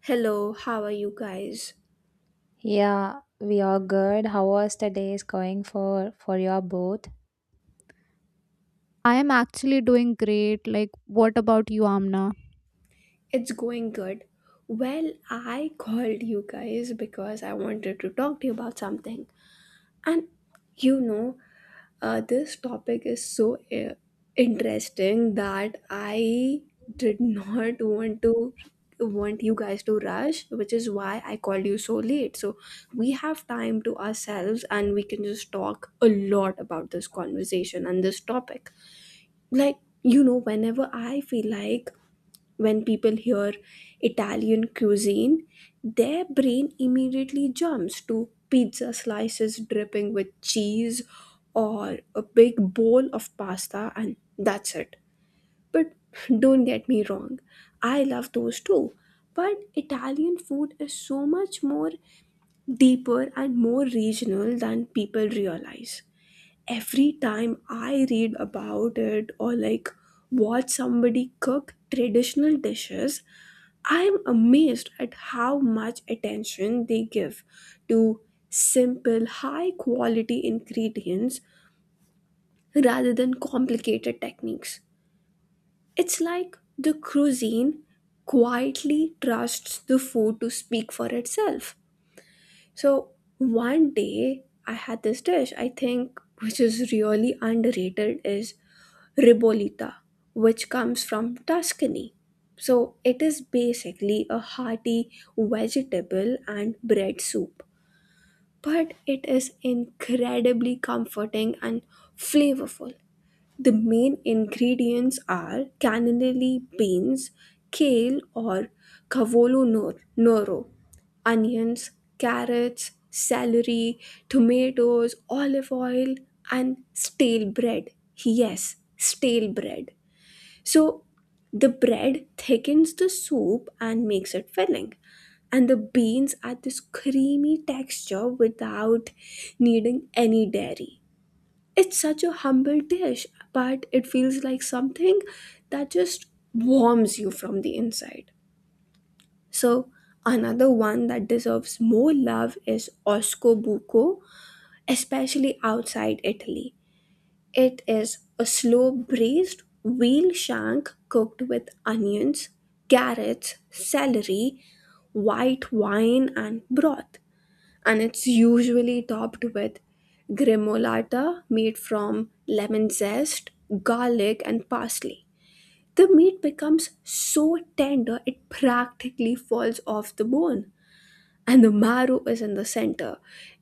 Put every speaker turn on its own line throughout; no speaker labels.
Hello, how are you guys?
Yeah, we are good. How was the days going for your both?
I am actually doing great. Like, what about you, Amna?
It's going good. Well, I called you guys because I wanted to talk to you about something. And you know, this topic is so interesting that I did not want you guys to rush, which is why I called you so late. So we have time to ourselves and we can just talk a lot about this conversation and this topic. Like, you know, whenever I feel like When people hear Italian cuisine, their brain immediately jumps to pizza slices dripping with cheese or a big bowl of pasta, and that's it. But don't get me wrong, I love those too. But Italian food is so much more deeper and more regional than people realize every time I read about it or like watch somebody cook traditional dishes, I'm amazed at how much attention they give to simple, high quality ingredients rather than complicated techniques. It's like the cuisine quietly trusts the food to speak for itself. So, one day I had this dish, I think, which is really underrated, is Ribolita, which comes from Tuscany. So it is basically a hearty vegetable and bread soup, but it is incredibly comforting and flavorful. The main ingredients are cannellini beans, kale or cavolo noro, onions, carrots, celery, tomatoes, olive oil, and stale bread. Yes, stale bread. So the bread thickens the soup and makes it filling. And the beans add this creamy texture without needing any dairy. It's such a humble dish, but it feels like something that just warms you from the inside. So, another one that deserves more love is osco buco, especially outside Italy. It is a slow braised veal shank cooked with onions, carrots, celery, white wine, and broth. And it's usually topped with gremolata made from lemon zest, garlic, and parsley. The meat becomes so tender it practically falls off the bone, and the marrow is in the center,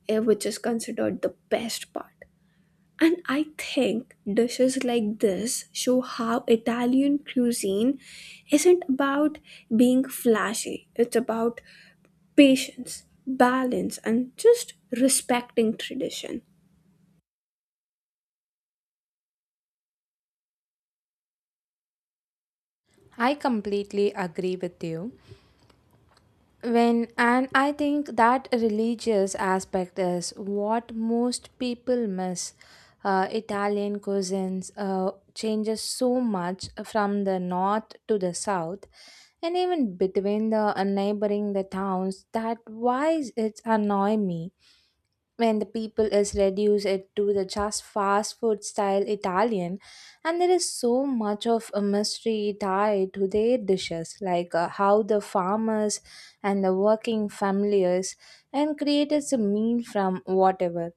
which is considered the best part. And I think dishes like this show how Italian cuisine isn't about being flashy, it's about patience, balance, and just respecting tradition.
I completely agree with you. When and I think that religious aspect is what most people miss. Italian cuisines changes so much from the north to the south, and even between the neighboring the towns. That why it's annoy me. When the people is reduced it to the just fast food style Italian, and there is so much of a mystery tied to their dishes, like how the farmers and the working families and created a meal from whatever.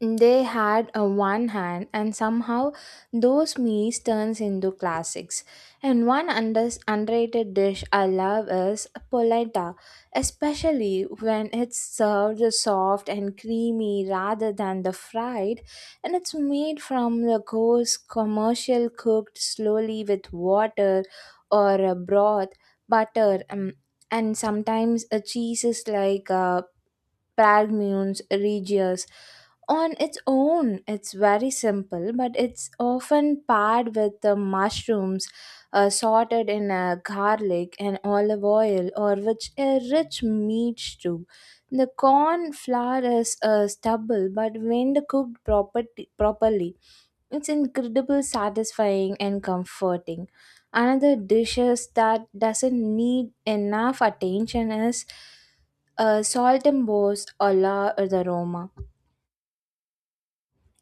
They had a one hand, and somehow those meals turns into classics. And one underrated dish I love is polenta, especially when it's served soft and creamy rather than the fried, and it's made from the coarse commercial cooked slowly with water or a broth, butter, and sometimes a cheeses like Pragmunes, Regius. On its own, it's very simple, but it's often paired with the mushrooms sorted in garlic and olive oil, or which a rich meat stew. The corn flour is stubble, but when the cooked properly, it's incredible, satisfying, and comforting. Another dishes that doesn't need enough attention is saltembos or la or the Roma.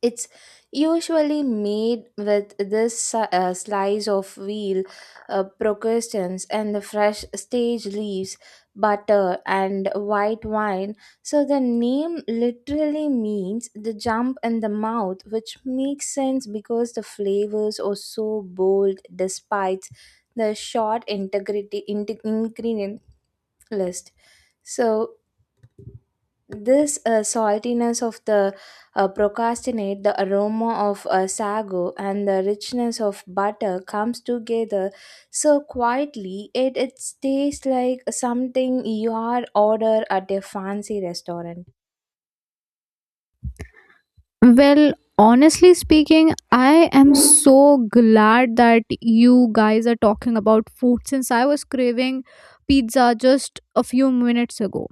It's usually made with this slice of veal, procustes, and the fresh stage leaves, butter, and white wine. So the name literally means the jump in the mouth, which makes sense because the flavors are so bold despite the short ingredient list. So this saltiness of the procrastinate, the aroma of sago, and the richness of butter comes together so quietly. It tastes like something you are order at a fancy restaurant.
Well, honestly speaking, I am so glad that you guys are talking about food since I was craving pizza just a few minutes ago.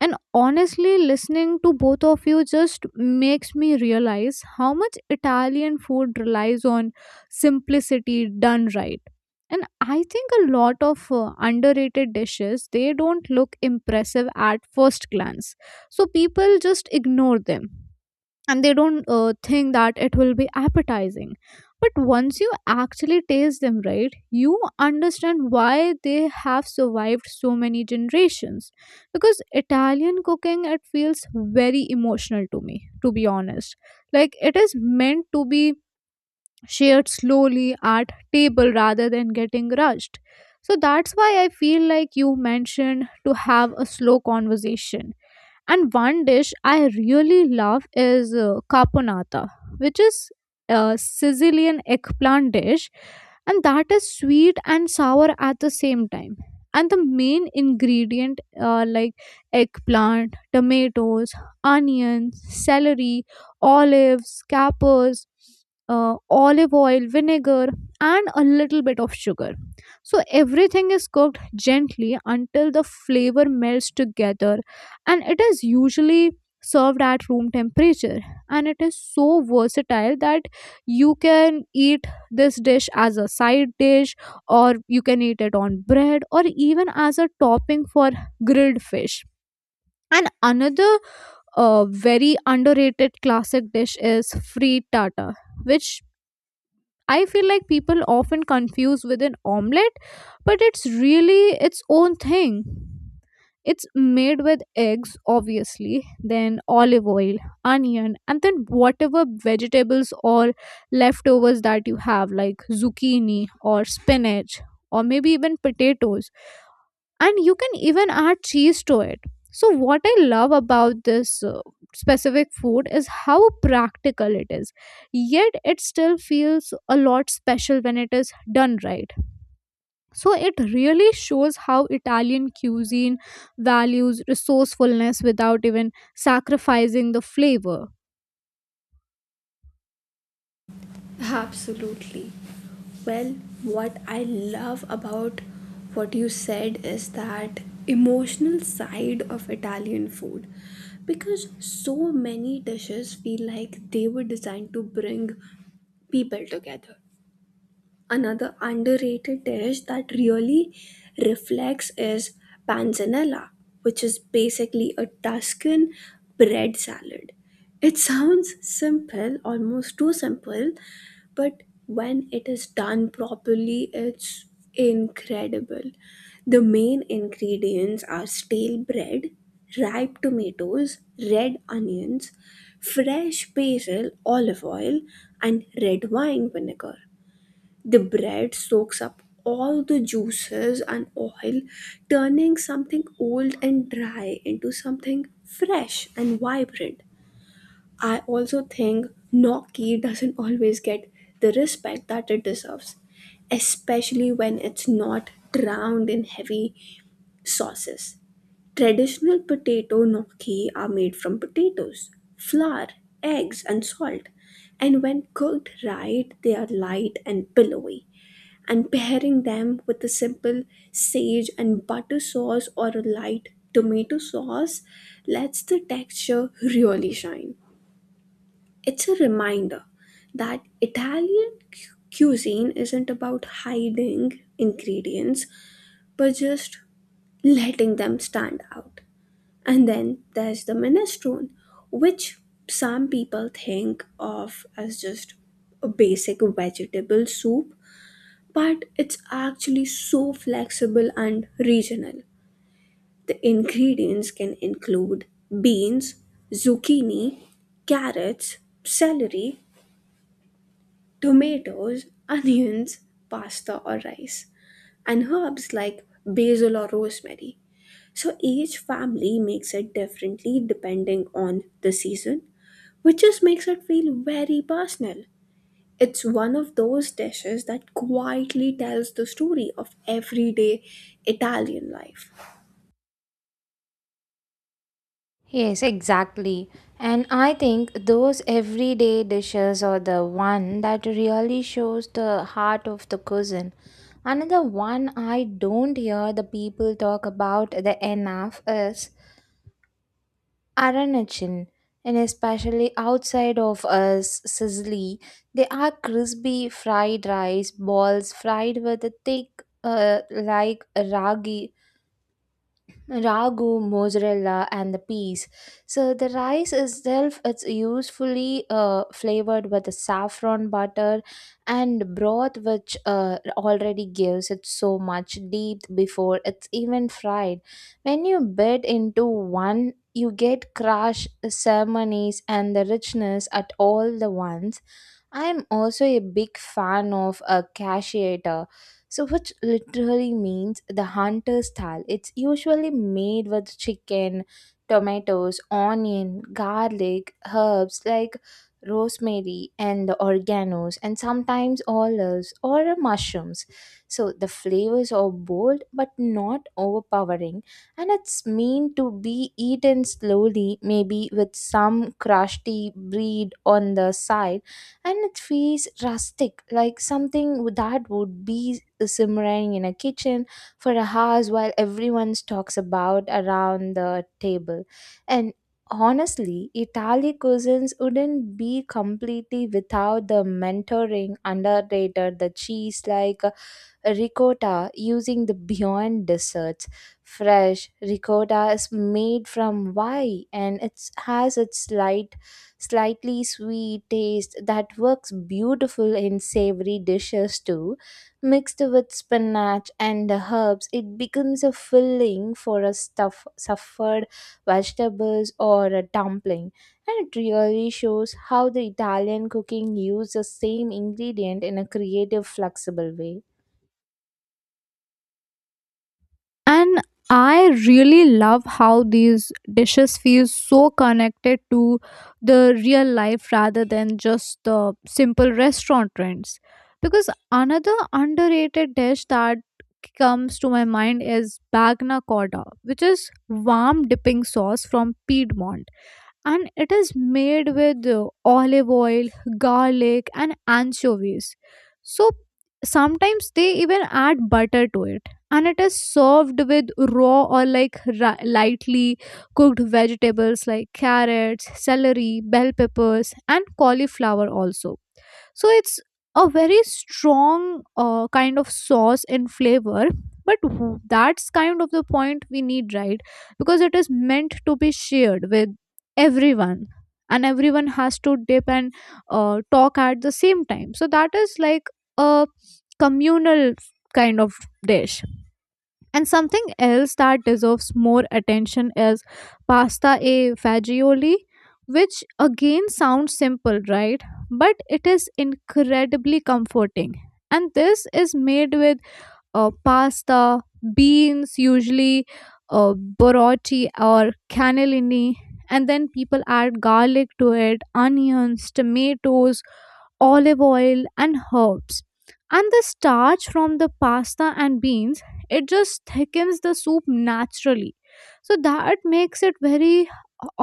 And honestly, listening to both of you just makes me realize how much Italian food relies on simplicity done right. And I think a lot of underrated dishes, they don't look impressive at first glance, so people just ignore them and they don't think that it will be appetizing. But once you actually taste them right, you understand why they have survived so many generations, because Italian cooking, it feels very emotional to me, to be honest. Like, it is meant to be shared slowly at table rather than getting rushed. So that's why I feel like you mentioned to have a slow conversation. And one dish I really love is caponata, which is a Sicilian eggplant dish, and that is sweet and sour at the same time. And the main ingredient, like eggplant, tomatoes, onions, celery, olives, capers, olive oil, vinegar, and a little bit of sugar. So everything is cooked gently until the flavor melts together, and it is usually served at room temperature, and it is so versatile that you can eat this dish as a side dish, or you can eat it on bread or even as a topping for grilled fish. And another very underrated classic dish is free tata, which I feel like people often confuse with an omelette, but it's really its own thing. It's made with eggs, obviously, then olive oil, onion, and then whatever vegetables or leftovers that you have, like zucchini or spinach, or maybe even potatoes, and you can even add cheese to it. So what I love about this specific food is how practical it is, yet it still feels a lot special when it is done right. So it really shows how Italian cuisine values resourcefulness without even sacrificing the flavor.
Absolutely. Well, what I love about what you said is that emotional side of Italian food because so many dishes feel like they were designed to bring people together. Another underrated dish that really reflects is panzanella, which is basically a Tuscan bread salad. It sounds simple, almost too simple, but when it is done properly, it's incredible. The main ingredients are stale bread, ripe tomatoes, red onions, fresh basil, olive oil, and red wine vinegar. The bread soaks up all the juices and oil, turning something old and dry into something fresh and vibrant. I also think gnocchi doesn't always get the respect that it deserves, especially when it's not drowned in heavy sauces. Traditional potato gnocchi are made from potatoes, flour, eggs, and salt, and when cooked right, they are light and billowy and pairing them with a simple sage and butter sauce or a light tomato sauce lets the texture really shine. It's a reminder that Italian cuisine isn't about hiding ingredients but just letting them stand out. And then there's the minestrone, which some people think of as just a basic vegetable soup but it's actually so flexible and regional. The ingredients can include beans, zucchini, carrots, celery, tomatoes, onions, pasta or rice, and herbs like basil or rosemary. So each family makes it differently depending on the season, which just makes it feel very personal. It's one of those dishes that quietly tells the story of everyday Italian life.
Yes, exactly. And I think those everyday dishes are the one that really shows the heart of the cuisine. Another one I don't hear the people talk about the enough is Aranachin, and especially outside of us, Sicily, they are crispy fried rice balls fried with a thick, like ragi ragu, mozzarella, and the peas. So the rice itself, it's usefully flavored with the saffron butter and broth, which already gives it so much depth before it's even fried. When you bite into one, you get crushed ceremonies and the richness at all the once. I am also a big fan of a cacheator, so which literally means the hunter style. It's usually made with chicken, tomatoes, onion, garlic, herbs like rosemary and the organos, and sometimes olives or mushrooms. So the flavors are bold but not overpowering, and it's meant to be eaten slowly, maybe with some crusty bread on the side, and it feels rustic like something that would be simmering in a kitchen for hours while everyone talks about around the table. And honestly Italian cuisines wouldn't be completely without the mentoring underrated the cheese like ricotta using the Beyond Desserts. Fresh ricotta is made from rye and it has its light, slightly sweet taste that works beautiful in savory dishes too. Mixed with spinach and the herbs, it becomes a filling for a stuff, suffered vegetables or a dumpling. And it really shows how the Italian cooking uses the same ingredient in a creative, flexible way.
And I really love how these dishes feel so connected to the real life rather than just the simple restaurant trends, because another underrated dish that comes to my mind is bagna coda, which is warm dipping sauce from Piedmont, and it is made with olive oil, garlic, and anchovies. So sometimes they even add butter to it, and it is served with raw or like lightly cooked vegetables like carrots, celery, bell peppers, and cauliflower also. So it's a very strong kind of sauce and flavor, but that's kind of the point we need, right? Because it is meant to be shared with everyone, and everyone has to dip and talk at the same time. So that is like a communal kind of dish. And something else that deserves more attention is pasta e fagioli, which again sounds simple, right? But it is incredibly comforting. And this is made with pasta, beans, usually uh, borotti or cannellini, and then people add garlic to it, onions, tomatoes, olive oil and herbs. And the starch from the pasta and beans, it just thickens the soup naturally, so that makes it very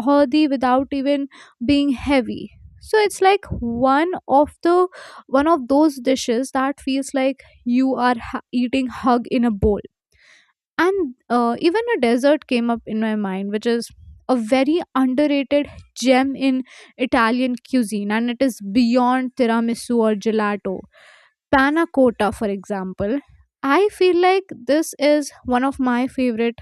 hearty without even being heavy. So it's like one of those dishes that feels like you are eating hug in a bowl. And even a desert came up in my mind, which is a very underrated gem in Italian cuisine, and it is beyond tiramisu or gelato. Panna cotta, for example, I feel like this is one of my favorite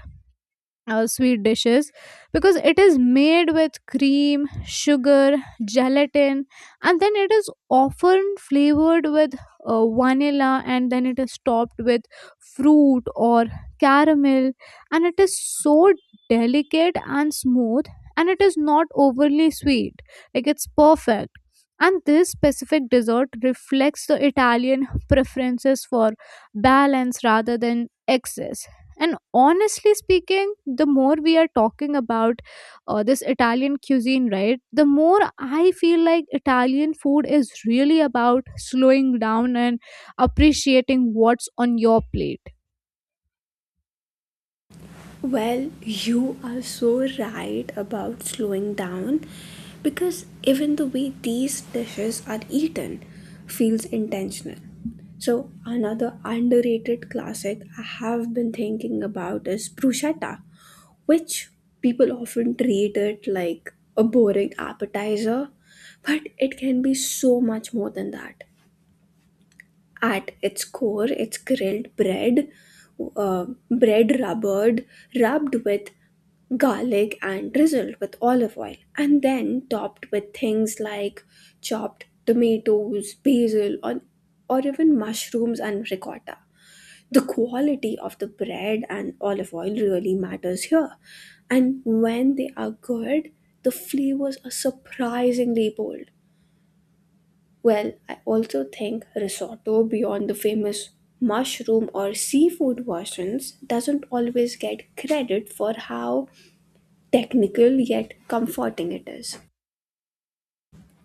sweet dishes, because it is made with cream, sugar, gelatin, and then it is often flavored with vanilla, and then it is topped with fruit or caramel, and it is so delicate and smooth, and it is not overly sweet, like it's perfect. And this specific dessert reflects the Italian preferences for balance rather than excess. And honestly speaking, the more we are talking about this Italian cuisine, right, the more I feel like Italian food is really about slowing down and appreciating what's on your plate.
Well, you are so right about slowing down because even the way these dishes are eaten feels intentional. So, another underrated classic I have been thinking about is bruschetta, which people often treat it like a boring appetizer, but it can be so much more than that. At its core, it's grilled bread, bread rubbed with garlic and drizzled with olive oil, and then topped with things like chopped tomatoes, basil, or even mushrooms and ricotta. The quality of the bread and olive oil really matters here, and when they are good, the flavors are surprisingly bold. Well, I also think risotto, beyond the famous mushroom or seafood versions, doesn't always get credit for how technical yet comforting it is.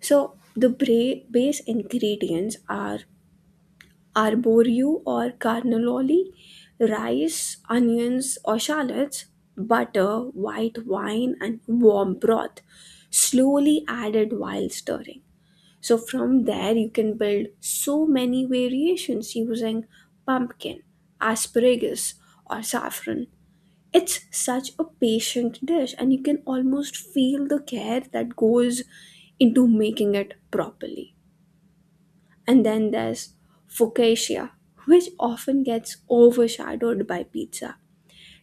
So, the base ingredients are arborio or carnololi, rice, onions or shallots, butter, white wine, and warm broth, slowly added while stirring. So from there, you can build so many variations using pumpkin, asparagus, or saffron. It's such a patient dish, and you can almost feel the care that goes into making it properly. And then there's focaccia, which often gets overshadowed by pizza.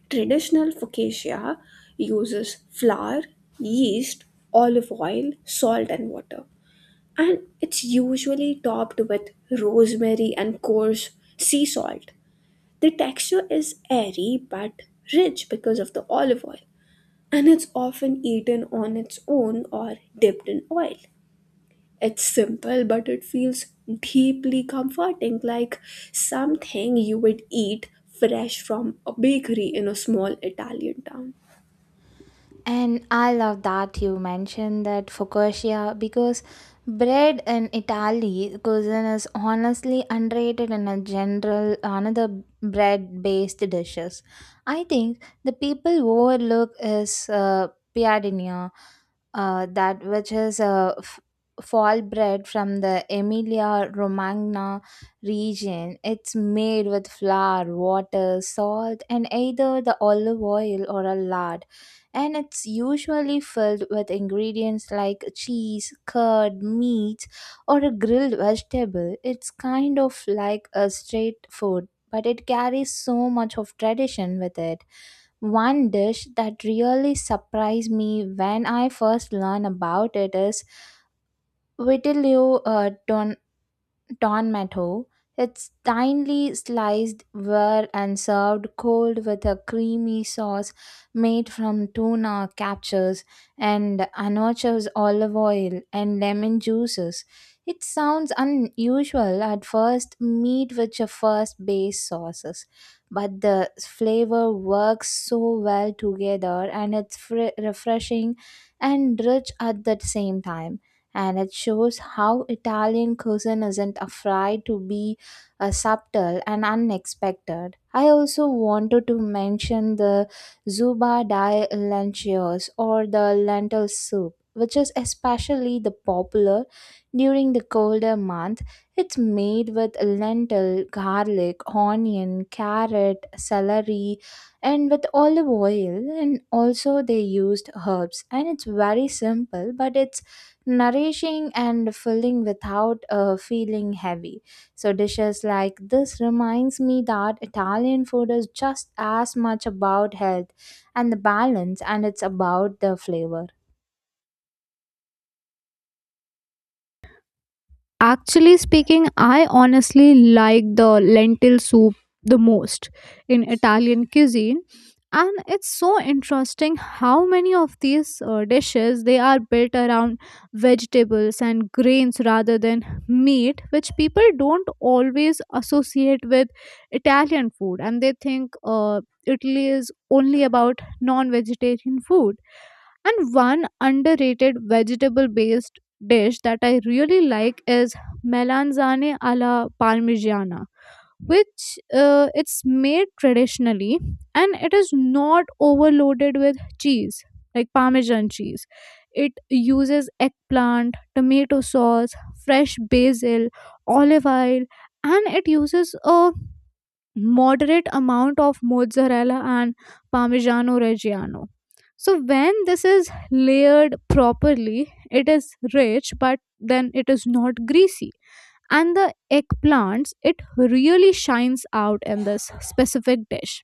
Traditional focaccia uses flour, yeast, olive oil, salt, and water and it's usually topped with rosemary and coarse sea salt. The texture is airy but rich because of the olive oil, and it's often eaten on its own or dipped in oil. It's simple, but it feels deeply comforting, like something you would eat fresh from a bakery in a small Italian town.
And I love that you mentioned that focaccia because bread in Italy cuisine is honestly underrated in a general another bread based dishes. I think the people overlook is piadina, that which is a fall bread from the Emilia Romagna region. It's made with flour, water, salt, and either the olive oil or a lard, and it's usually filled with ingredients like cheese, curd, meat, or a grilled vegetable. It's kind of like a street food, but it carries so much of tradition with it. One dish that really surprised me when I first learned about it is Vitello don tomato. It's thinly sliced were and served cold with a creamy sauce made from tuna captures and anchovies, olive oil, and lemon juices. It sounds unusual at first, meat with your first base sauces, but the flavor works so well together, and it's refreshing and rich at the same time, and it shows how Italian cuisine isn't afraid to be subtle and unexpected. I also wanted to mention the zuba di lenticchie or the lentil soup, which is especially the popular during the colder month. It's made with lentil, garlic, onion, carrot, celery, and with olive oil, and also they used herbs, and it's very simple but it's nourishing and filling without feeling heavy. So dishes like this reminds me that Italian food is just as much about health and the balance and it's about the flavor.
Actually speaking, I honestly like the lentil soup the most in Italian cuisine. And it's so interesting how many of these dishes they are built around vegetables and grains rather than meat, which people don't always associate with Italian food, and they think Italy is only about non-vegetarian food. And one underrated vegetable based dish that I really like is melanzane alla parmigiana, which it's made traditionally and it is not overloaded with cheese, like parmesan cheese. It uses eggplant, tomato sauce, fresh basil, olive oil, and it uses a moderate amount of mozzarella and parmigiano reggiano. So when this is layered properly, it is rich, but then it is not greasy, and the eggplants, it really shines out in this specific dish.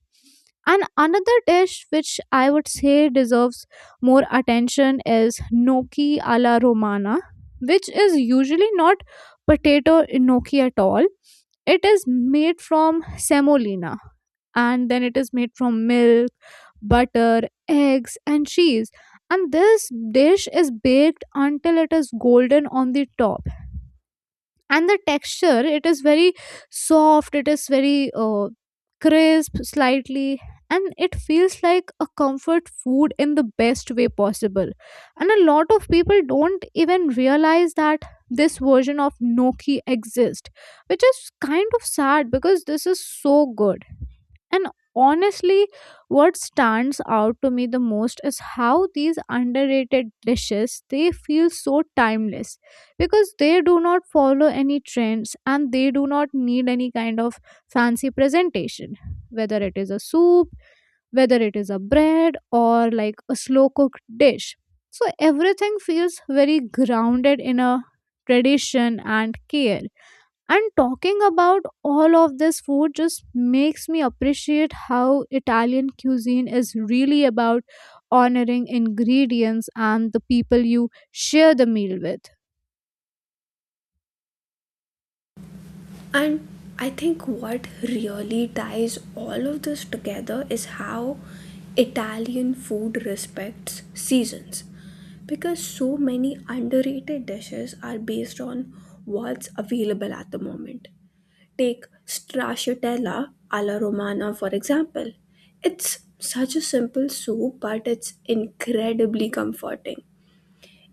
And another dish which I would say deserves more attention is gnocchi alla romana, which is usually not potato gnocchi at all. It is made from semolina, and then it is made from milk, butter, eggs and cheese. And this dish is baked until it is golden on the top, and the texture, it is very soft, it is very crisp slightly, and it feels like a comfort food in the best way possible. And a lot of people don't even realize that this version of gnocchi exists, which is kind of sad because this is so good. And honestly, what stands out to me the most is how these underrated dishes, they feel so timeless, because they do not follow any trends and they do not need any kind of fancy presentation, whether it is a soup, whether it is a bread or like a slow cooked dish. So everything feels very grounded in a tradition and care. And talking about all of this food just makes me appreciate how Italian cuisine is really about honoring ingredients and the people you share the meal with.
And I think what really ties all of this together is how Italian food respects seasons. Because so many underrated dishes are based on what's available at the moment. Take stracciatella alla romana, for example. It's such a simple soup, but it's incredibly comforting.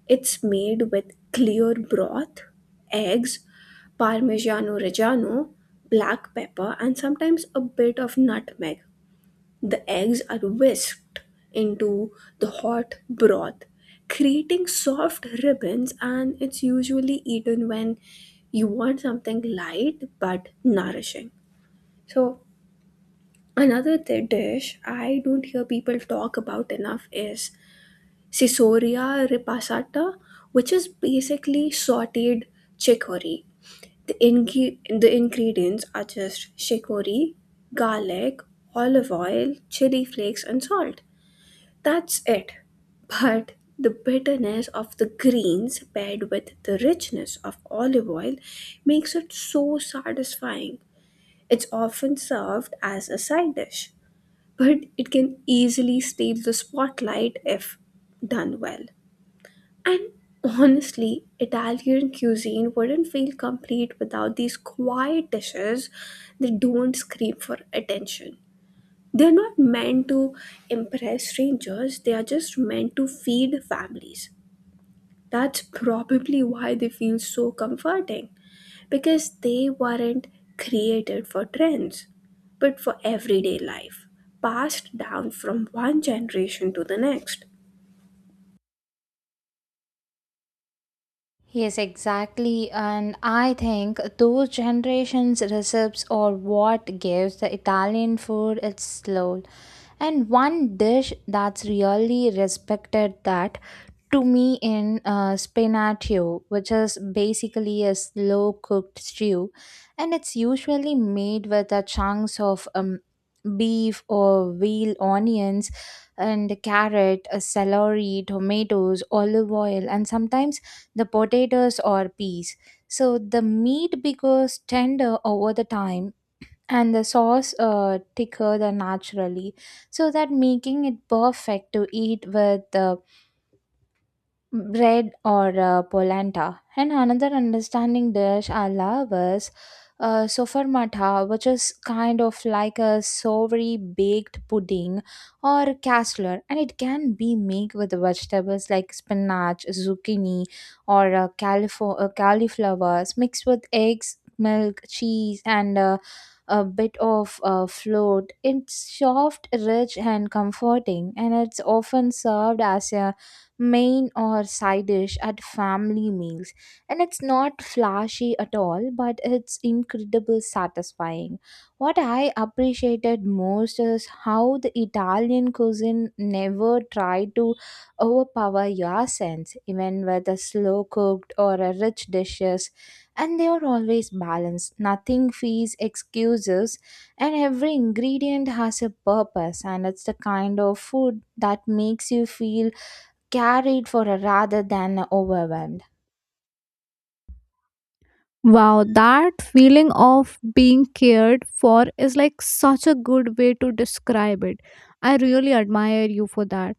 It's made with clear broth, eggs, parmigiano reggiano, black pepper, and sometimes a bit of nutmeg. The eggs are whisked into the hot broth, creating soft ribbons, and it's usually eaten when you want something light but nourishing. So, another dish I don't hear people talk about enough is Caesarea ripasata, which is basically sauteed chicory. The ingredients are just chicory, garlic, olive oil, chili flakes, and salt. That's it. But the bitterness of the greens paired with the richness of olive oil makes it so satisfying. It's often served as a side dish, but it can easily steal the spotlight if done well. And honestly, Italian cuisine wouldn't feel complete without these quiet dishes that don't scream for attention. They're not meant to impress strangers, they are just meant to feed families. That's probably why they feel so comforting because they weren't created for trends but for everyday life, passed down from one generation to the next.
Yes, exactly. And I think those generations' recipes are what gives the Italian food its soul. And one dish that's really respected that to me in spinaccio, which is basically a slow cooked stew. And it's usually made with the chunks of beef or veal onions and carrot, celery, tomatoes, olive oil, and sometimes the potatoes or peas. So the meat becomes tender over the time, and the sauce thicker than naturally, so that making it perfect to eat with bread or polenta. And another understanding dish I love is sofarmata, which is kind of like a savory baked pudding or casserole, and it can be made with vegetables like spinach, zucchini, or cauliflowers mixed with eggs, milk, cheese, and a bit of float. It's soft, rich, and comforting, and it's often served as a main or side dish at family meals. And it's not flashy at all, but it's incredibly satisfying. What I appreciated most is how the Italian cuisine never tried to overpower your sense, even with a slow cooked or a rich dishes. And they are always balanced. Nothing fees excuses, and every ingredient has a purpose. And it's the kind of food that makes you feel carried for rather than overwhelmed.
Wow, that feeling of being cared for is like such a good way to describe it. I really admire you for that.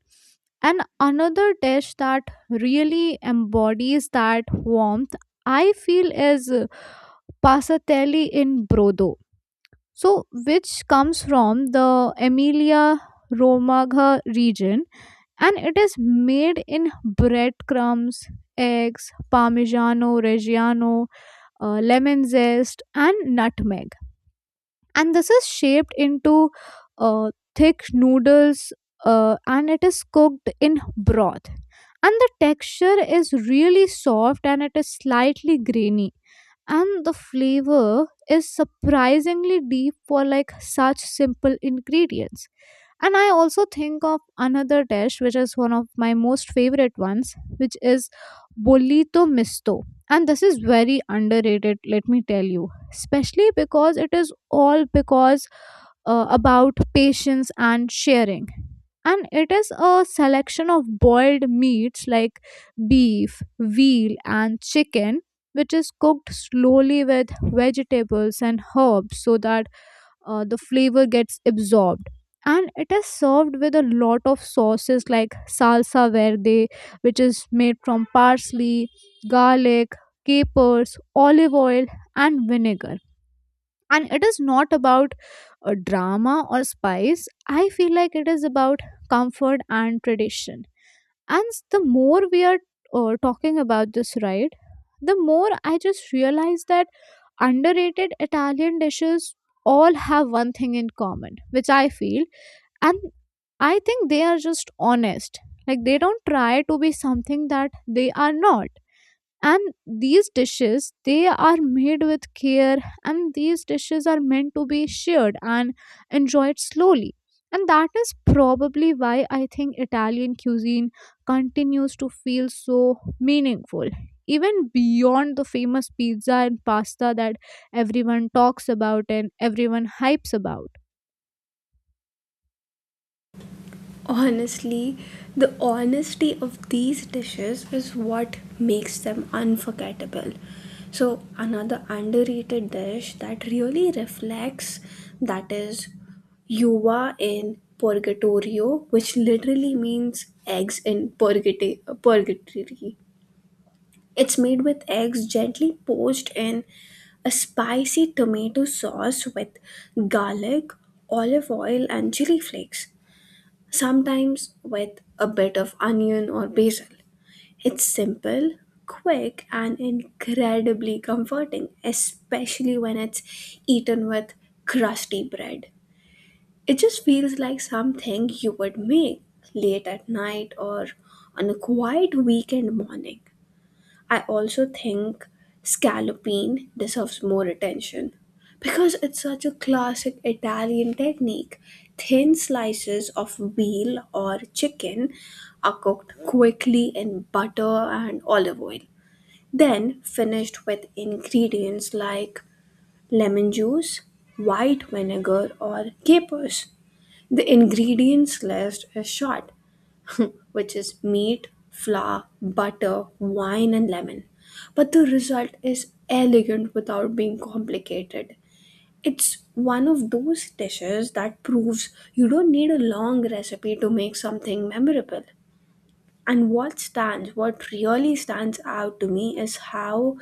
And another dish that really embodies that warmth, I feel, is passatelli in Brodo. So, which comes from the Emilia Romagna region, and it is made in breadcrumbs, eggs, Parmigiano Reggiano, lemon zest, and nutmeg. And this is shaped into thick noodles and it is cooked in broth. And the texture is really soft and it is slightly grainy. And the flavor is surprisingly deep for like such simple ingredients. And I also think of another dish, which is one of my most favorite ones, which is bolito misto. And this is very underrated, let me tell you, especially because it is all because about patience and sharing. And it is a selection of boiled meats like beef, veal, and chicken, which is cooked slowly with vegetables and herbs so that the flavor gets absorbed, and it is served with a lot of sauces like salsa verde, which is made from parsley, garlic, capers, olive oil and vinegar. And it is not about a drama or spice, I feel like it is about comfort and tradition. And the more we are talking about this, right, the more I just realize that underrated Italian dishes all have one thing in common, which I feel, and I think they are just honest. Like, they don't try to be something that they are not. And these dishes, they are made with care, and these dishes are meant to be shared and enjoyed slowly. And that is probably why I think Italian cuisine continues to feel so meaningful, even beyond the famous pizza and pasta that everyone talks about and everyone hypes about.
Honestly, the honesty of these dishes is what makes them unforgettable. So, another underrated dish that really reflects that is uva in purgatorio, which literally means eggs in purgatory. It's made with eggs gently poached in a spicy tomato sauce with garlic, olive oil, and chili flakes sometimes with a bit of onion or basil. It's simple, quick, and incredibly comforting, especially when it's eaten with crusty bread. It just feels like something you would make late at night or on a quiet weekend morning. I also think scallopine deserves more attention because it's such a classic Italian technique. Thin slices of veal or chicken are cooked quickly in butter and olive oil, then finished with ingredients like lemon juice, white vinegar, or capers. The ingredients list is short which is meat, flour, butter, wine, and lemon. But the result is elegant without being complicated. It's one of those dishes that proves you don't need a long recipe to make something memorable. What really stands out to me is how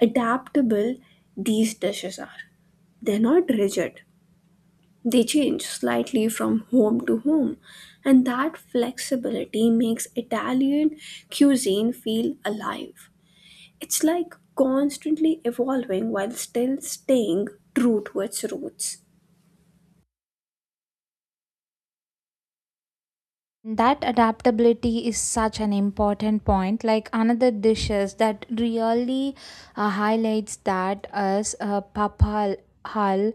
adaptable these dishes are. They're not rigid, they change slightly from home to home, and that flexibility makes Italian cuisine feel alive. It's like constantly evolving while still staying true to its roots.
That adaptability is such an important point. Like another dishes that really highlights that is papal hal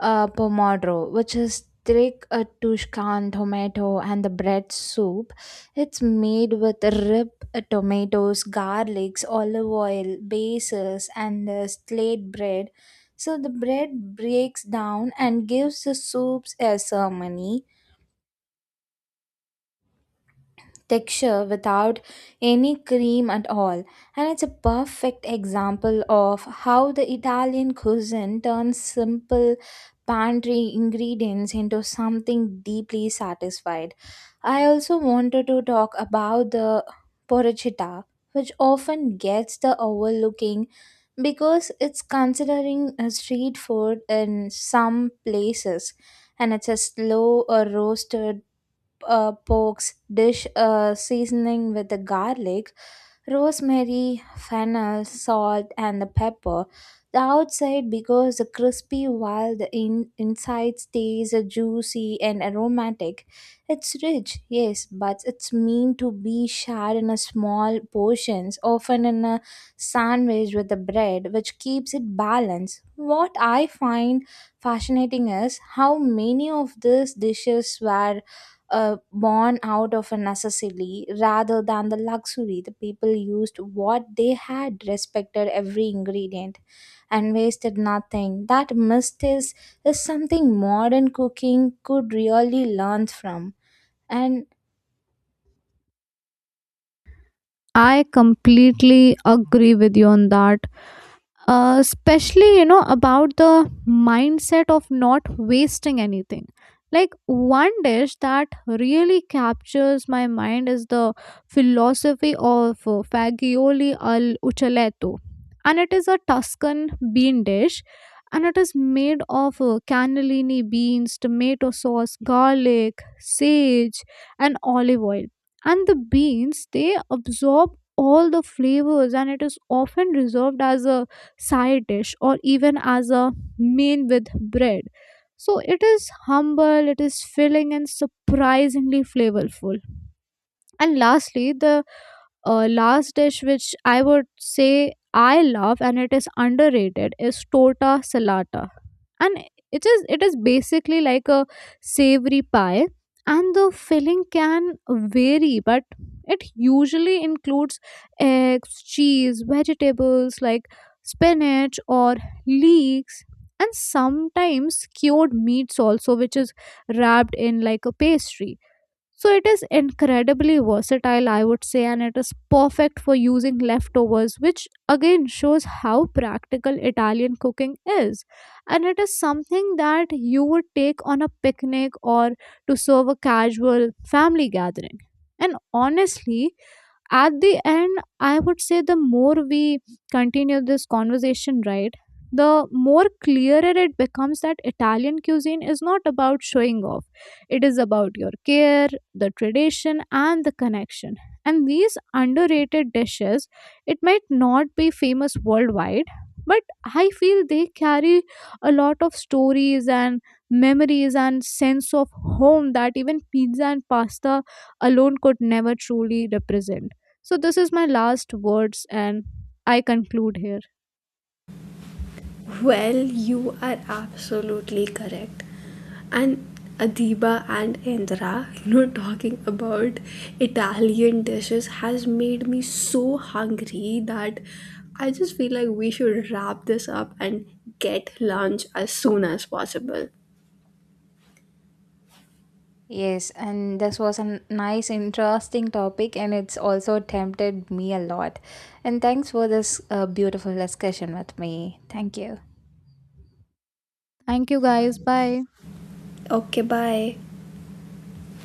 pomodoro, which is thick Tuscan tomato and the bread soup. It's made with rip tomatoes, garlics, olive oil, bases, and slate bread. So the bread breaks down and gives the soups a ceremony texture without any cream at all. And it's a perfect example of how the Italian cuisine turns simple pantry ingredients into something deeply satisfied. I also wanted to talk about the porchetta, which often gets the overlooking because it's considering a street food in some places, and it's a slow or roasted pokes dish seasoning with the garlic, rosemary, fennel, salt, and the pepper. The outside becomes crispy while the inside stays juicy and aromatic. It's rich, yes, but it's meant to be shared in a small portions, often in a sandwich with the bread, which keeps it balanced. What I find fascinating is how many of these dishes were born out of a necessity rather than the luxury. The people used what they had, respected every ingredient, and wasted nothing. That mistake is something modern cooking could really learn from. And
I completely agree with you on that, especially you know about the mindset of not wasting anything. Like, one dish that really captures my mind is the philosophy of fagioli al uccelletto, and it is a Tuscan bean dish, and it is made of cannellini beans, tomato sauce, garlic, sage and olive oil. And the beans, they absorb all the flavors, and it is often reserved as a side dish or even as a main with bread. So it is humble, it is filling, and surprisingly flavorful. And lastly, the last dish which I would say I love and it is underrated is torta salata. And it is basically like a savory pie, and the filling can vary, but it usually includes eggs, cheese, vegetables like spinach or leeks, and sometimes cured meats also, which is wrapped in like a pastry. So it is incredibly versatile, I would say, and it is perfect for using leftovers, which again shows how practical Italian cooking is. And it is something that you would take on a picnic or to serve a casual family gathering. And honestly, at the end, I would say the more we continue this conversation, right, the more clearer it becomes that Italian cuisine is not about showing off, it is about your care, the tradition and the connection. And these underrated dishes, it might not be famous worldwide, but I feel they carry a lot of stories and memories and sense of home that even pizza and pasta alone could never truly represent. So, this is my last words, and I conclude here.
Well, you are absolutely correct. And Adiba and Indra, you know, talking about Italian dishes has made me so hungry that I just feel like we should wrap this up and get lunch as soon as possible.
yes, and this was a nice, interesting topic, and it's also tempted me a lot. And thanks for this beautiful discussion with me. Thank you.
Thank you, guys. Bye.
Okay, bye.